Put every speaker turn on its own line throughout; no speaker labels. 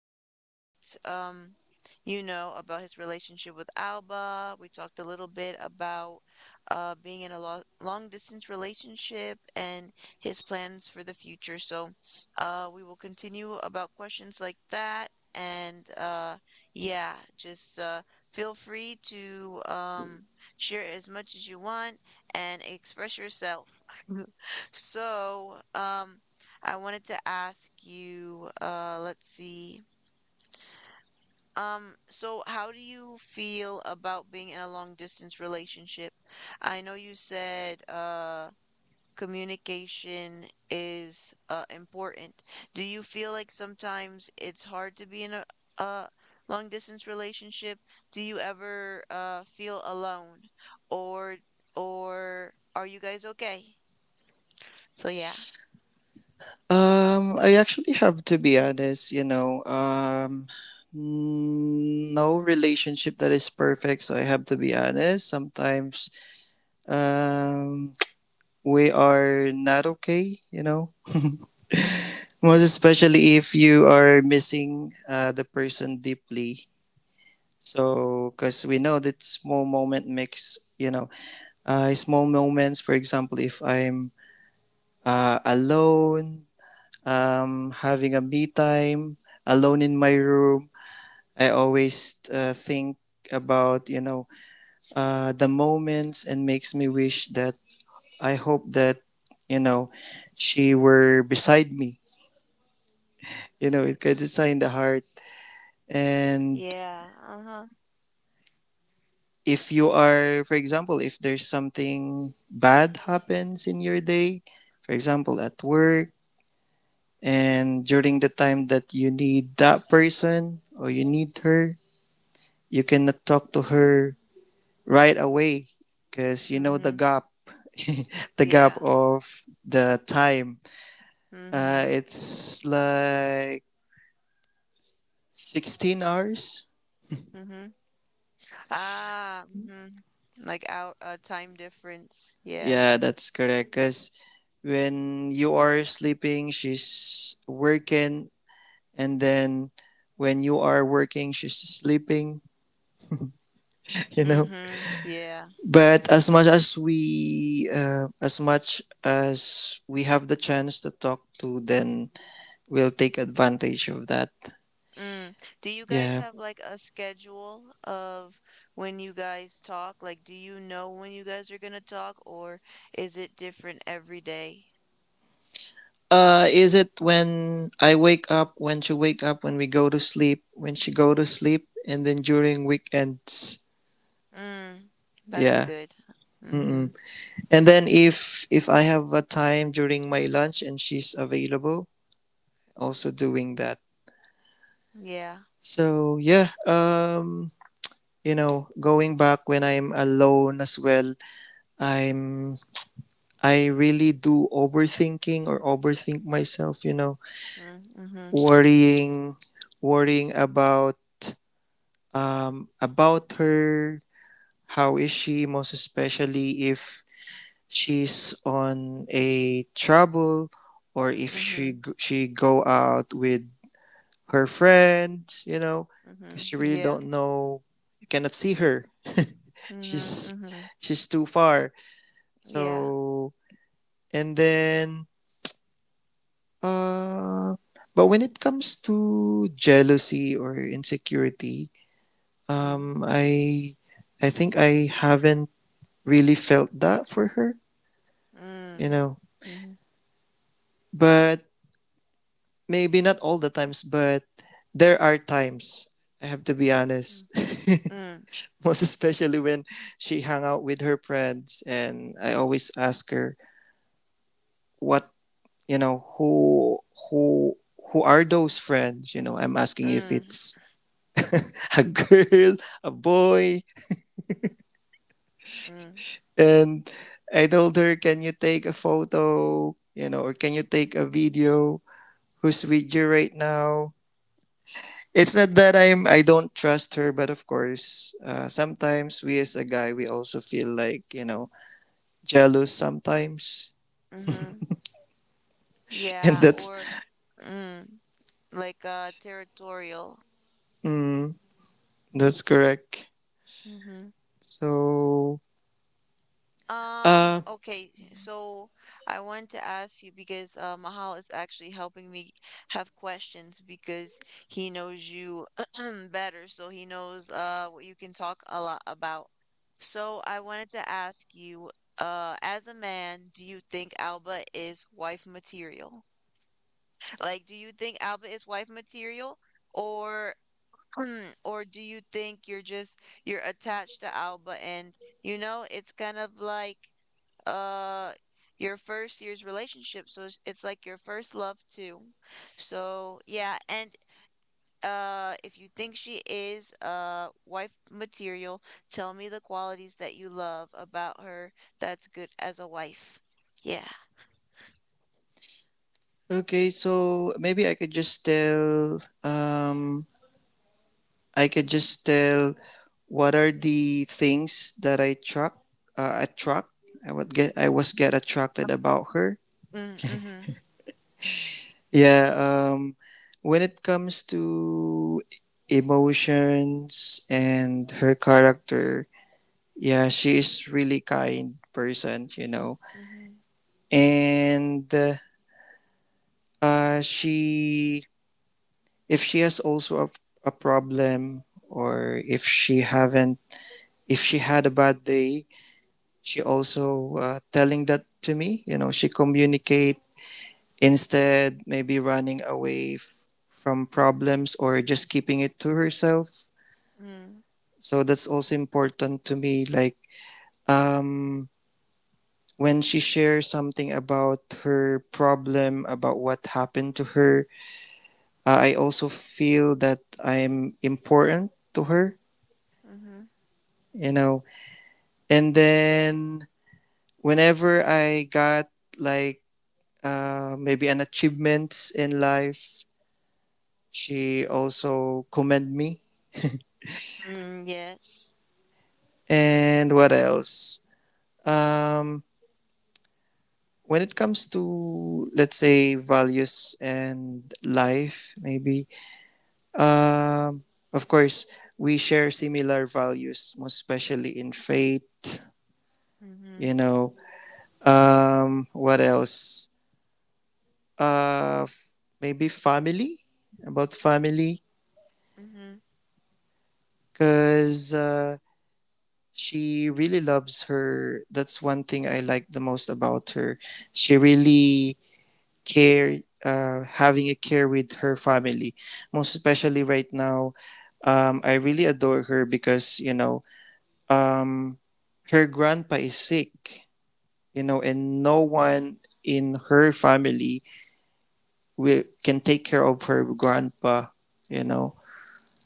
about um about his relationship with Alba. We talked a little bit about being in a lo long distance relationship and his plans for the future. So, we will continue about questions like that and, yeah, just, feel free to share as much as you want and express yourself. So, I wanted to ask you, let's see. So how do you feel about being in a long distance relationship? I know you said, communication is, important. Do you feel like sometimes it's hard to be in a long distance relationship? Do you ever, feel alone, or, or are you guys okay? So yeah.
I actually have to be honest, no relationship that is perfect. So I have to be honest. Sometimes, um, we are not okay, most especially if you are missing, the person deeply. So, 'cause we know that small moment makes, small moments, for example, if I'm, alone, having a me time, alone in my room, I always think about the moments, and makes me wish that I hope that you know she were beside me. It could sign the heart. And
Yeah. Uh-huh.
if you are, for example, if there's something bad happens in your day, for example, at work, and during the time that you need that person or you need her, you cannot talk to her right away because you know the
Mm-hmm.
gap, the gap
Yeah.
of the time,
Mm-hmm.
it's like 16 hours.
Mm-hmm. Ah, mm-hmm. Like, out time difference. Yeah.
Yeah, that's correct, because when you are sleeping she's working, and then when you are working she's sleeping. you know
Mm-hmm. Yeah.
but as much as we, have the chance to talk to then, we'll take advantage of that.
Mm. Do you guys
Yeah.
have like a schedule of when you guys talk? Like, do you know when you guys are gonna talk, or is it different every day?
Is it when I wake up, when she wake up, when we go to sleep, when she go to sleep, and then during weekends?
Mm. That's
Yeah.
good. Mm-hmm.
Mm-mm. And then if I have a time during my lunch and she's available, also doing that.
Yeah.
So yeah, going back when I'm alone as well, I'm I really do overthinking or overthink myself.
Mm-hmm.
Worrying, worrying, about her. How is she, most especially if she's on a trouble, or if
Mm-hmm.
she go out with her friends, because you
Mm-hmm.
really
Yeah.
don't know. You cannot see her.
Mm-hmm.
she's
Mm-hmm.
she's too far.
Yeah.
So, and then, uh, but when it comes to jealousy or insecurity,
Mm.
um, I I think I haven't really felt that for her, you
Mm.
know.
Mhm.
But maybe not all the times, but there are times, I have to be
Mm.
honest.
Mm.
Most especially when she hung out with her friends, and I always ask her what, you know who who who are those friends. I'm asking if
Mm.
it's a girl, a boy.
Mm.
And I told her, can you take a photo, or can you take a video, who's with you right now? It's not that I don't trust her, but of course, sometimes we as a guy we also feel like, jealous sometimes,
Mhm.
and
Yeah, or, mm, like, territorial.
mm, that's correct.
Mm-hmm.
So uh
Okay, so I wanted to ask you because, Mahal is actually helping me have questions because he knows you better, so he knows what you can talk a lot about. So I wanted to ask you, as a man, do you think Alba is wife material? Like, do you think Alba is wife material, or or do you think you're attached to Alba, and it's kind of like uh your first year's relationship, so it's like your first love too. So yeah, and if you think she is wife material, tell me the qualities that you love about her that's good as a wife. Yeah.
okay, so maybe I could just tell, I could just tell what are the things that I truck, attract I would get I was get attracted about her.
Mm, mm-hmm.
Yeah, when it comes to emotions and her character, yeah, she is really kind person.
Mm-hmm.
And she, if she has also a problem, or if she had a bad day, she also, telling that to me, she communicate, instead maybe running away from problems, or just keeping it to herself.
Mm-hmm.
So that's also important to me. Like, um, when she shares something about her problem, about what happened to her, I also feel that I'm important to her,
Mm-hmm.
you know. And then whenever I got like, maybe an achievement in life, she also commend me.
Mm, yes.
And what else? Um, when it comes to let's say values and life, maybe, um of course, we share similar values, most especially in faith.
Mm-hmm.
you know what else? uh Maybe family, about family.
Mm-hmm.
Because she really loves her. That's one thing I like the most about her. She really care, having a care with her family, most especially right now. I really adore her, because, um, her grandpa is sick, and no one in her family will can take care of her grandpa you know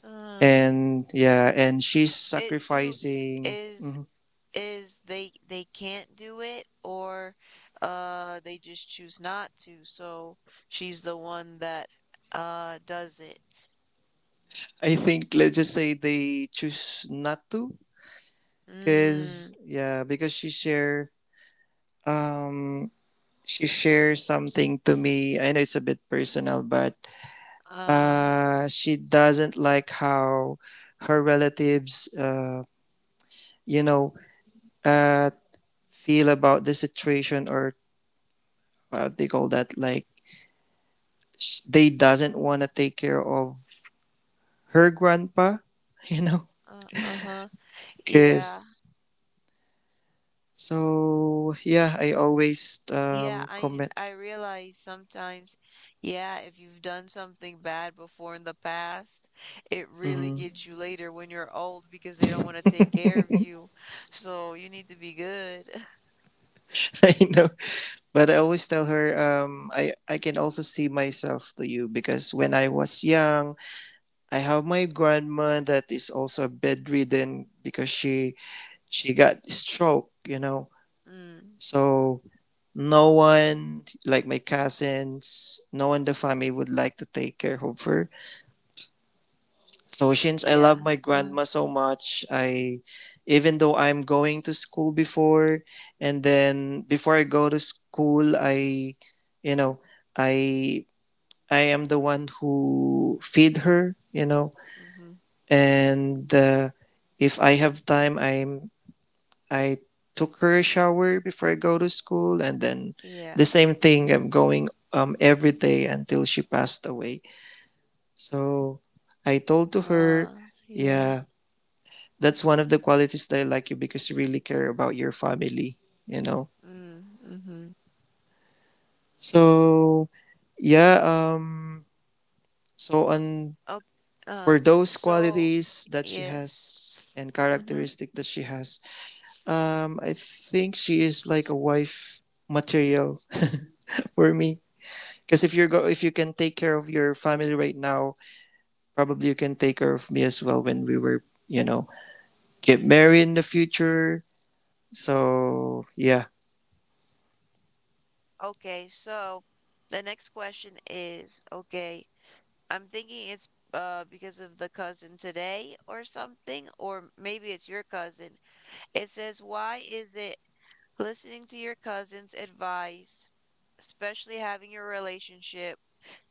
Uh,
and, yeah, and she's
It do
sacrificing.
is
Mhm.
is they can't do it, or they just choose not to. So she's the one that does it.
I think let's just say they choose not to,
Mm,
because, yeah, because um she shared something to me. I know it's a bit personal, but
uh,
she doesn't like how her relatives, you know, uh, feel about the situation, or what they call that. Like they doesn't want to take care of her grandpa, you know,
uh-huh. Yeah.
because. So yeah, I always,
Yeah, I
comment.
I realize sometimes, yeah, if you've done something bad before in the past, it really
Mhm.
gets you later when you're old because they don't want to take care of you. So you need to be good.
I know. But I always tell her, I can also see myself to you, because when I was young, I have my grandma that is also bedridden, because she got stroke.
Mm,
So no one, like my cousins, no one in the family would like to take care of her. So since I
yeah.
love my
Uh,
grandma so much, I, even though I'm going to school before, and then before I go to school, I you know I I am the one who feed her,
mm-hmm.
and if I have time, I took her a shower before I go to school. And then
Yeah.
the same thing, I'm going every day until she passed away. So I told to her,
Yeah.
yeah, that's one of the qualities that I like you, because you really care about your family, you know.
Mm, mm-hmm.
So yeah, so on,
Okay. Uh,
for those
so,
qualities that she
yes.
has and
Mm-hmm.
characteristic that she has, I think she is like a wife material for me, because if you're go if you can take care of your family right now, probably you can take care of me as well when we were, get married in the future. So yeah.
Okay, so the next question is, okay. I'm thinking it's because of the cousin today or something, or maybe it's your cousin. It says, why is it listening to your cousin's advice, especially having your relationship,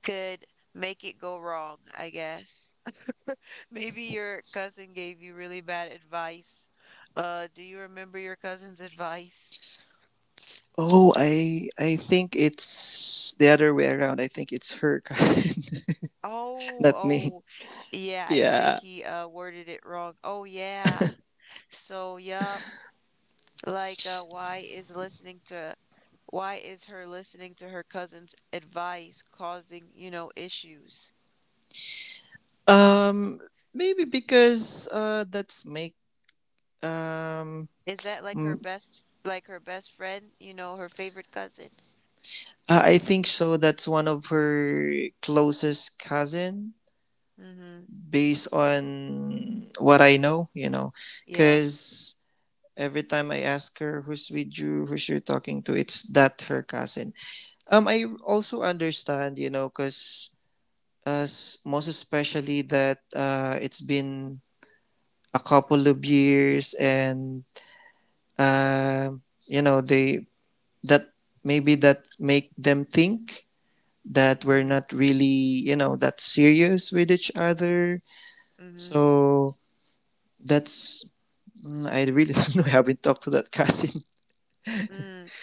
could make it go wrong, I guess? Maybe your cousin gave you really bad advice. Do you remember your cousin's advice?
Oh, I think it's the other way around. I think it's her cousin,
Oh,
not me.
oh, yeah, I think
Yeah.
he worded it wrong. Oh yeah. So yeah. Like, why is her listening to her cousin's advice causing issues?
um Maybe because, that's make. Um,
Is that like her
mm,
best, friend, her favorite cousin?
I think so. That's one of her closest cousin,
Mm-hmm.
based on what I know. You know,
Yeah.
because every time I ask her who's with you, who's you're talking to, it's that her cousin. I also understand. Because as, most especially that, it's been a couple of years, and, they, that maybe that make them think that we're
Mm-hmm.
not really, that serious with each other.
Mm-hmm.
So that's, I really don't know. I haven't talked to that cousin.
Mm.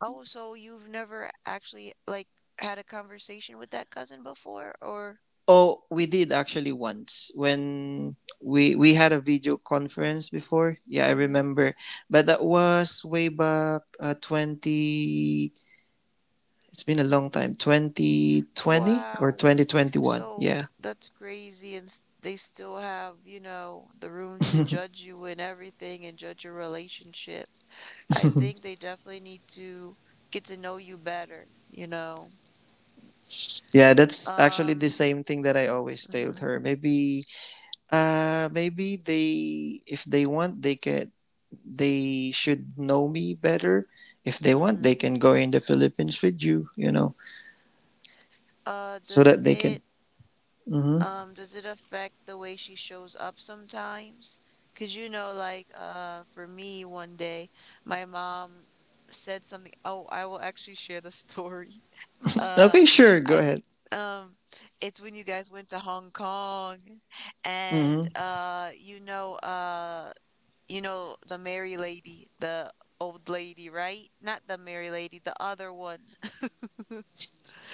Oh, so you've never actually, like, had a conversation with that cousin before, or?
Oh, we did actually once when we had a video conference before. Yeah, I
Mm-hmm.
remember, but that was way back, 20. It's been a long time, 2020
Wow.
2021.
So
Yeah,
that's crazy. And they still have, the room to judge you and everything and judge your relationship. I think they definitely need to get to know you better.
yeah, that's actually the
Um,
same thing that I always told
hmm
her. Maybe. Maybe they, if they want, they can. They should know me better. If they want, they
hmm
can go in the Philippines with you. You know, so
Does
that they
it,
can. Hmm.
does it affect the way she shows up sometimes? 'Cause, like, for me one day, my mom said something. Oh, I will actually share the story.
Okay,
Uh,
sure. Go
I
ahead.
um it's when you guys went to Hong Kong, and
Hmm.
the Mary lady, the old lady, right? Not the Mary lady, the other one.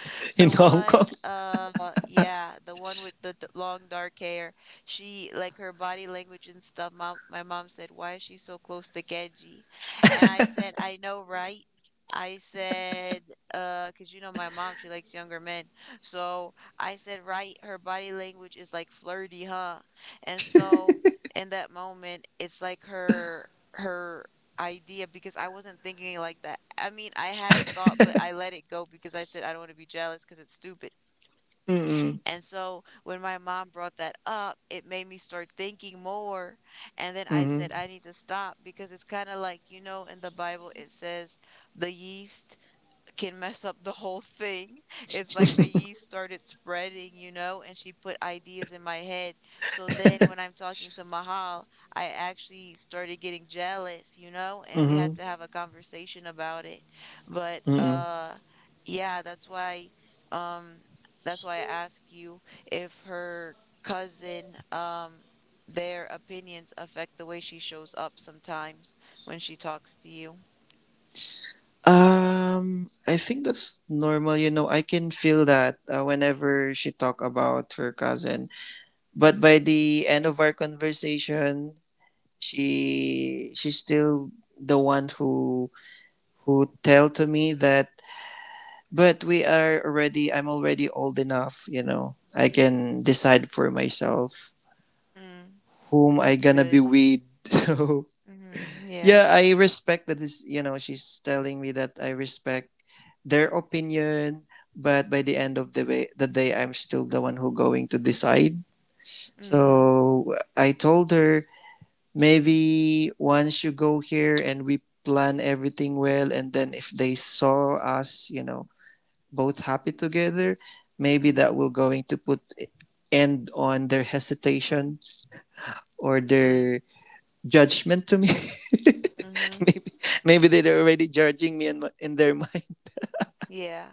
In
The
Hong Kong.
one, yeah, the one with the long dark hair. She, like, her body language and stuff. My mom said, "Why is she so close to Genji?" And I said, "I know, right?" I said, 'cause, you know, my mom, she likes younger men. So I said, right, her body language is like flirty, huh? And so in that moment, it's like her idea, because I wasn't thinking like that. I mean, I had a thought, but I let it go because I said I don't want to be jealous because it's stupid. And so when my mom brought that up, it made me start thinking more. And then I
Hmm.
said, I need to stop because it's kind of like, in the Bible, it says the yeast can mess up the whole thing. It's like the yeast started spreading, and she put ideas in my head. So then when I'm talking to Mahal, I actually started getting jealous, and we had
Hmm.
to have a conversation about it. But
Mm-mm.
yeah, that's why, um I ask you if her cousin, their opinions affect the way she shows up sometimes when she talks to you.
I think that's normal. I can feel that, whenever she talk about her cousin. But by
Mm-hmm.
the end of our conversation, she's still the one who tell to me that, but we are already I'm already old enough, I can decide for myself
Mm,
whom I
that's
gonna be
good.
with. So
Mhm, yeah.
yeah, I respect that is, she's telling me that I respect their opinion, but by the end of the day I'm still the one who going to decide.
Mhm,
So I told her, maybe once you go here and we plan everything well, and then if they saw us both happy together, maybe that
mhm,
will going to put end on their hesitation or
mm,
their judgment to me.
mhm,
maybe maybe they're already judging me in their mind.
yeah,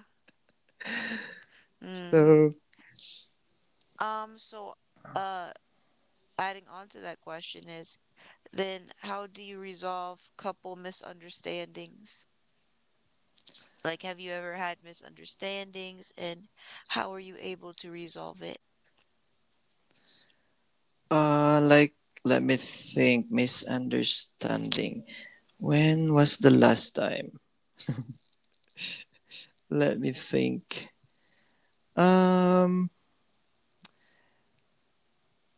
mm.
So,
So, uh, adding on to that question is, then how do you resolve couple misunderstandings? Like, have you ever had misunderstandings, and how are you able to resolve it?
like, let me think. Misunderstanding. When was the last time? Let me think. Um,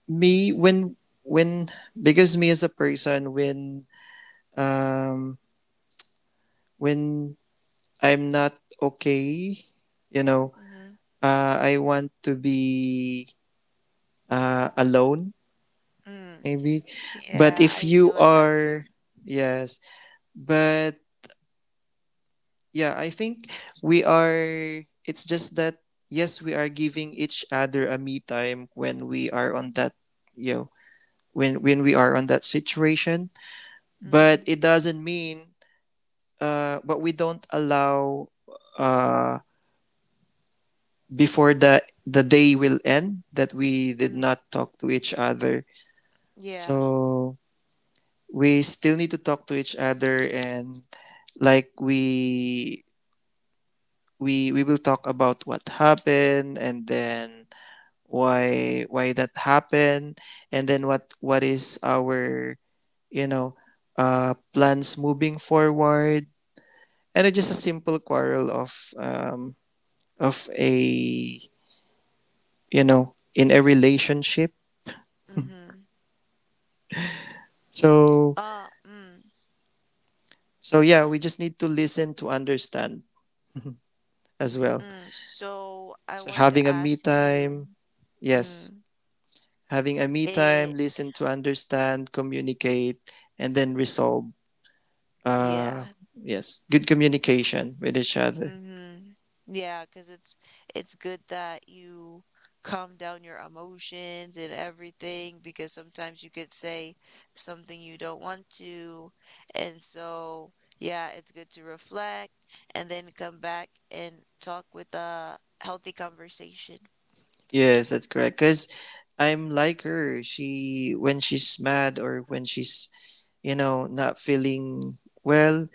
me when, when because me as a person, um when I'm not okay. You know,
Mm-hmm.
I want to be, alone,
Mm.
maybe. But
Yeah,
if
I feel
you
like that
are,
too.
yes. But yeah, I think we are, it's just that, yes, we are giving each other a me time when we are on that, you know, when we are on that situation. But
Mm-hmm.
it doesn't mean, but we don't allow, uh, before the day will end, that we did
Mm.
not talk to each other.
Yeah.
So we still need to talk to each other, and like we will talk about what happened, and then why that happened, and then what is our you know plans moving forward, and it's just a simple quarrel of, um of a, in a relationship.
Mm-hmm.
so
Mm,
So yeah, we just need to listen to understand as well.
mm. So I
So,
want to
having a me
ask you,
time, yes,
mm,
having a me time,
eh,
listen to understand, communicate, and then resolve.
yeah.
Uh, yes, good communication with each other.
hmm because it's good that you calm down your emotions and everything, because sometimes you could say something you don't want to. And so, yeah, it's good to reflect and then come back and talk with a healthy conversation.
Yes, that's correct. Because I'm like her. She when she's mad or when she's not feeling well,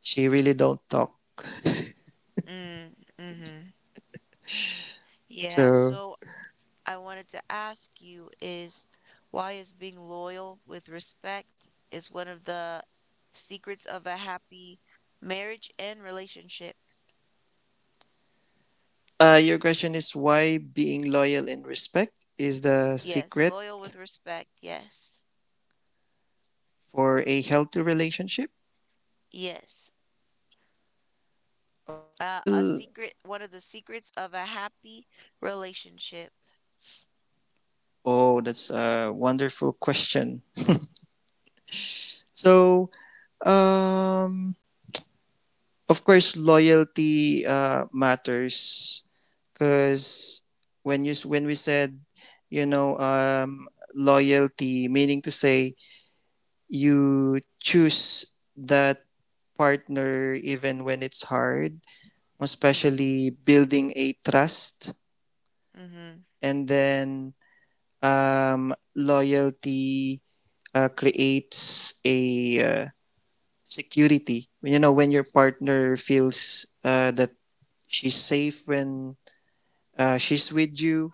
she really don't talk.
Mm, mm-hmm. Yeah,
So.
so I wanted to ask you is, why is being loyal with respect is one of the secrets of a happy marriage and relationship.
Your question is why being loyal and respect is the
Yes,
secret
loyal with respect. Yes.
for a healthy relationship?
Yes. A
Well,
secret, one of the secrets of a happy relationship.
oh, that's a wonderful question. So, um, of course, loyalty matters because when we said, you know, um, loyalty, meaning to say you choose that partner even when it's hard,
Mm,
especially building a trust.
mm-hmm,
And then, loyalty creates a, uh, security, you know, when your partner feels, that she's safe when, she's with you.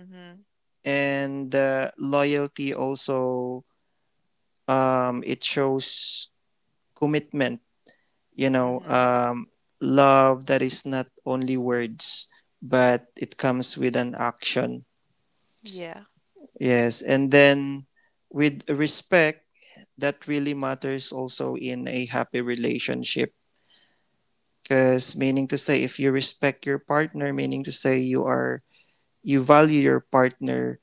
mm-hmm,
And loyalty also, it shows commitment, you know
mm-hmm.
um, love that is not only words but it comes with an action.
Yeah.
Yes, and then with respect, that really matters also in a happy relationship. Because, meaning to say, if you respect your partner, meaning to say you value your partner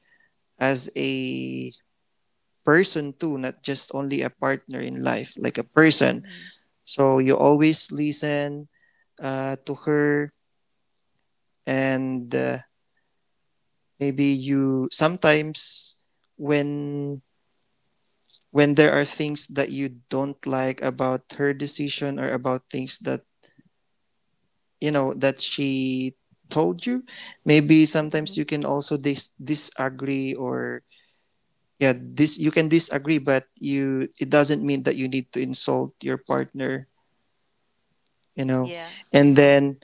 as a person too, not just only a partner in life, like a person.
Mm-hmm,
So you always listen, to her, and maybe you sometimes when when there are things that you don't like about her decision or about things that you know that she told you, maybe sometimes
mm-hmm.
you can also disagree, or yeah, this you can disagree, but you it doesn't mean that you need to insult your partner you know
Yeah.
and
Uh-huh.
then,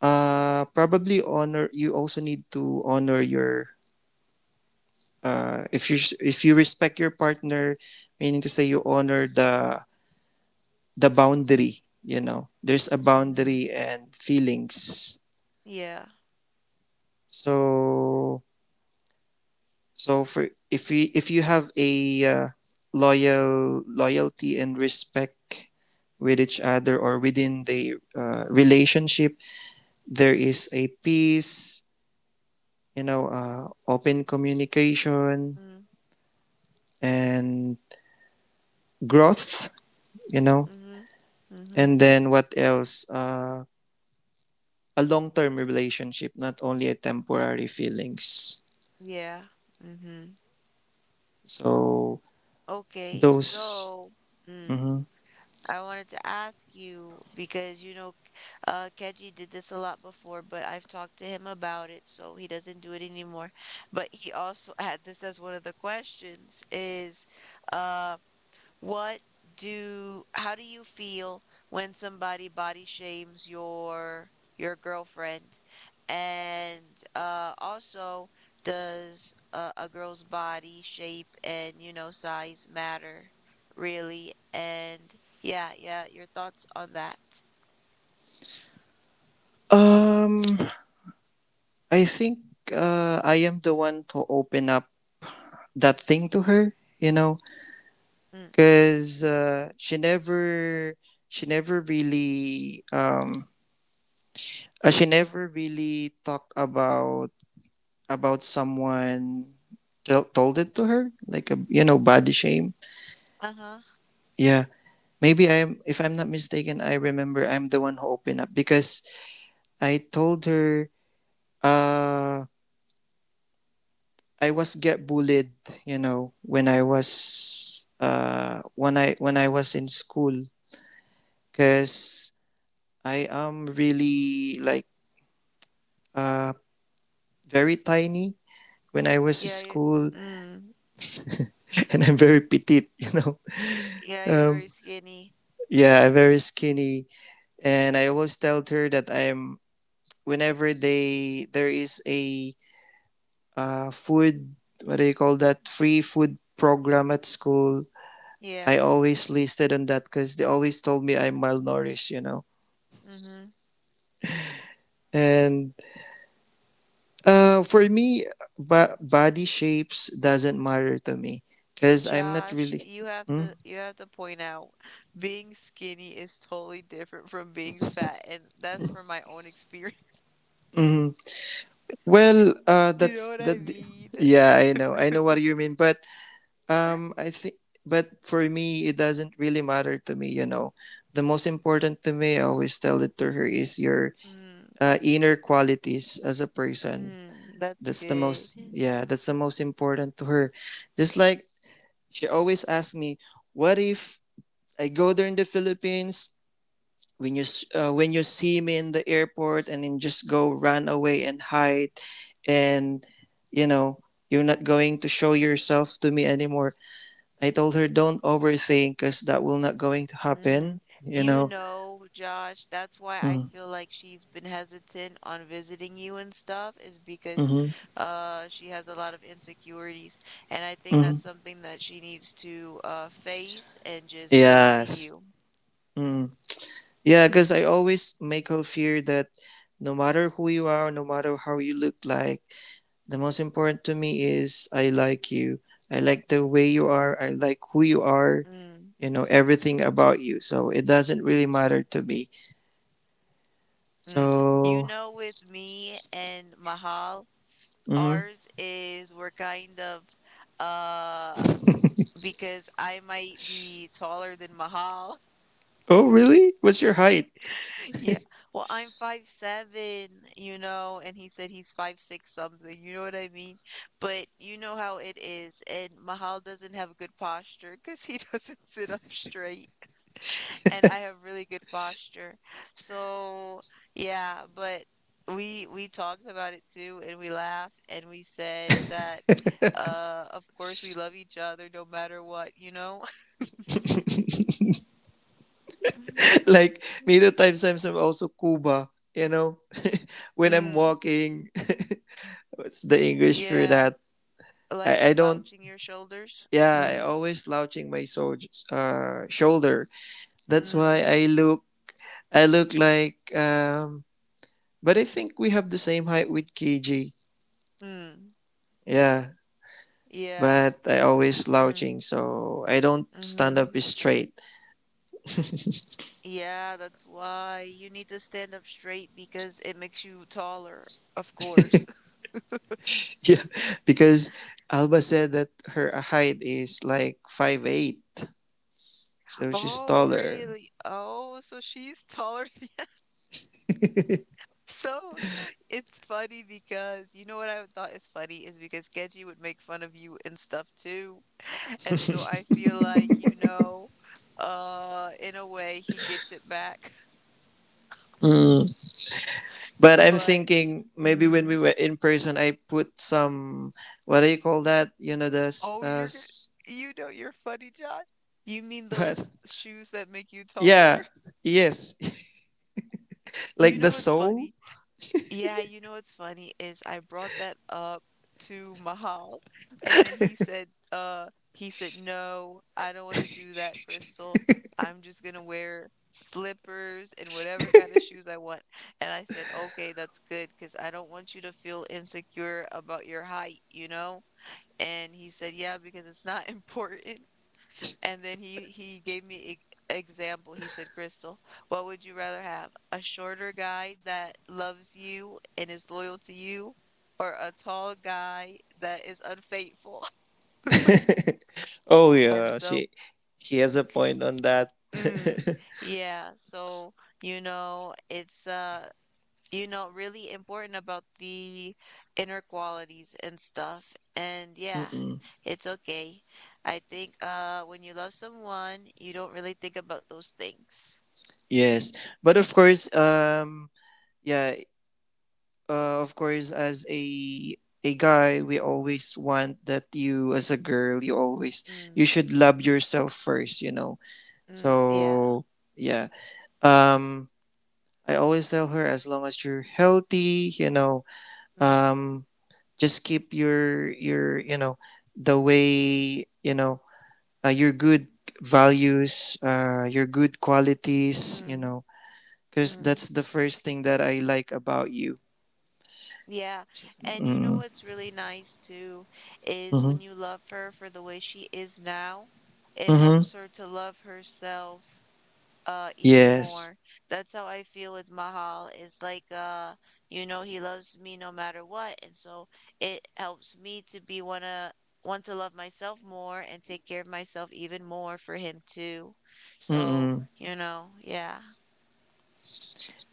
probably, honor, you also need to honor your, if you respect your partner, meaning to say you honor the boundary, there's a
Mm-hmm.
boundary and feelings.
Yeah.
So so, for if we if you have a loyalty and respect with each other or within the, relationship, there is a peace, open communication
Mm,
and growth, you know
mm-hmm, mm-hmm.
and then, what else, a long-term relationship, not only a temporary feelings.
Yeah. Mm-hmm.
So.
Okay,
Those.
so, mm,
Mhm.
I wanted to ask you because, Keji did this a lot before, but I've talked to him about it, so he doesn't do it anymore. But he also had this as one of the questions is, uh, what do how do you feel when somebody body shames your girlfriend? And also, does a girl's body shape and, size matter really? And yeah, yeah, your thoughts on that.
Um, I think, I am the one to open up that thing to her.
Mm,
Because, she never really, um, she never really talked about someone tell told it to her, like a, body shame.
uh-huh.
Yeah, maybe I'm. If I'm not mistaken, I remember I'm the one who opened up because I told her. Uh, I was get bullied, when I was in school, cuz I am really like, uh very tiny when I was in
Yeah, you
school.
mm,
And I'm very petite, you know.
yeah, you're
Um
very skinny.
yeah, I'm very skinny, and I always tell her that I'm whenever they there is a, food, what do you call that, free food program at school,
Yeah.
I always listed on that because they always told me I'm malnourished.
Mm-hmm.
And, for me, body shapes doesn't matter to me because I'm not
Josh,
really.
you have to
Hmm?
you have to point out being skinny is totally different from being fat, and that's from my own experience.
Mhm. Well,
You know
that's
what I
that.
mean?
Yeah, I know what you mean, but, I think, but for me, it doesn't really matter to me. The most important to me, I always tell it to her, is your,
Mm,
inner qualities as a person.
mm, that's
That's the
good.
most, yeah, that's the most important to her. Just like, she always asks me, "What if I go there in the Philippines? When you see me in the airport and then just go run away and hide, and you know you're not going to show yourself to me anymore." I told her, "Don't overthink, cause that will not going to happen."
Mm.
You
You
know.
know, Josh, that's why I
Mm-hmm.
feel like she's been hesitant on visiting you and stuff is because
Mm-hmm.
she has a lot of insecurities, and I think that's something that she needs to face and just go see
Yes.
you.
Yeah, because I always make her fear that no matter who you are, no matter how you look like, the most important to me is I like you. I like the way you are. I like who you are,
Mm.
everything about you. So it doesn't really matter to me.
Mm. You
So,
know, with me and Mahal,
mhm.
ours is, we're kind of uh because I might be taller than Mahal.
Oh, really? What's your height?
Yeah. Well, I'm 5'7", and he said he's 5'6" something, you know what I mean? But you know how it is, and Mahal doesn't have good posture because he doesn't sit up straight. And I have really good posture. So, yeah, but we talked about it too, and we laughed, and we said that of course we love each other no matter what, you know?
Like, me, the times I'm also Cuba, you know, when I'm
Mm,
walking. What's the English for
yeah,
that?
like
I don't,
slouching your shoulders.
yeah, I
Mm,
always slouching my shoulder. That's why
mm,
I look like, but I think we have the same height with KG.
mm,
Yeah.
yeah,
But I always slouching,
mm,
so I don't stand up
mm-hmm.
straight.
Yeah, that's why you need to stand up straight, because it makes you taller, of course.
Yeah. Because Alba said that her height is like 5'8". So she's
Oh,
taller.
really? Oh, so she's taller than. So it's funny, because you know what I thought is funny is because Genji would make fun of you and stuff too. And so I feel like, in a way, he gets it back.
Mm. But I'm
But
thinking, maybe when we
Mm.
were in person, I put some, what do you call that? You know, the
Oh, you're funny, Josh. You mean
but
those shoes that make you taller?
yeah, yes,
You
like the
know, it's
soul.
funny. Yeah, you know what's funny is I brought that up to Mahal, and then he said, no, I don't want to do that, Crystal. I'm just gonna wear slippers and whatever kind of shoes I want. And I said, okay, that's good, because I don't want you to feel insecure about your height, you know? And he said, yeah, because it's not important. And then he gave me e example. He said, "Crystal, what would you rather have? A shorter guy that loves you and is loyal to you, or a tall guy that is unfaithful?"
Oh
And
yeah,
so,
she he has a point on that.
mm, yeah, so, it's, really important about the inner qualities and stuff. And yeah,
Mm-mm.
it's okay. I think, when you love someone, you don't really think about those things.
Yes, but of course, yeah, of course, as a guy, we always want that you, as a girl, you always
Mm,
you should love
mm,
yourself first,
mm, yeah.
So yeah, um, I always tell her, as long as you're healthy,
Mm,
um, just keep your the way, your good values, your good qualities,
mm,
because
mm.
that's the first thing that I like about you.
Yeah. And you know
Mm.
what's really nice too is
Mm-hmm.
when you love her for the way she is now, it
Mm-hmm.
helps her to love herself even
Yes.
more. That's how I feel with Mahal. It's like he loves me no matter what, and so it helps me to be wanna want to love myself more and take care of myself even more for him too. So,
Mm-mm.
yeah.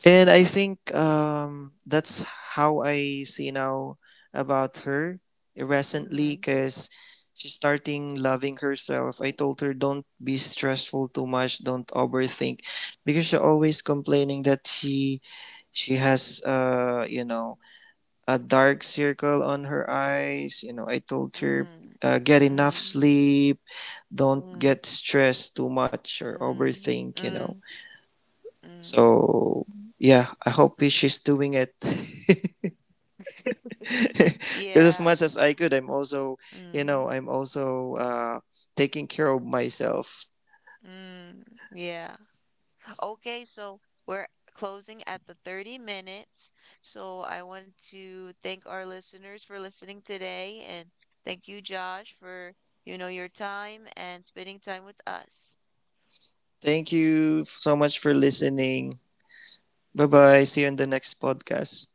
And I think, that's how I see now about her recently,
Mm-hmm.
because she's starting loving herself. I told her, don't be stressful too much, don't overthink, because she's always complaining that she has, a dark circle on her eyes. I told her,
Mm,
get enough
mm,
sleep, don't
mm,
get stressed too much or
mm,
overthink.
mm, mm.
So, yeah, I hope she's doing it. Because as
Yeah.
much as I could, I'm also, you
Mm,
know, I'm also taking care of myself.
mm, yeah. Okay, so we're closing at the 30 minutes. So I want to thank our listeners for listening today and thank you, Josh, for, your time and spending time with us.
Thank you so much for listening. Bye bye. See you in the next podcast.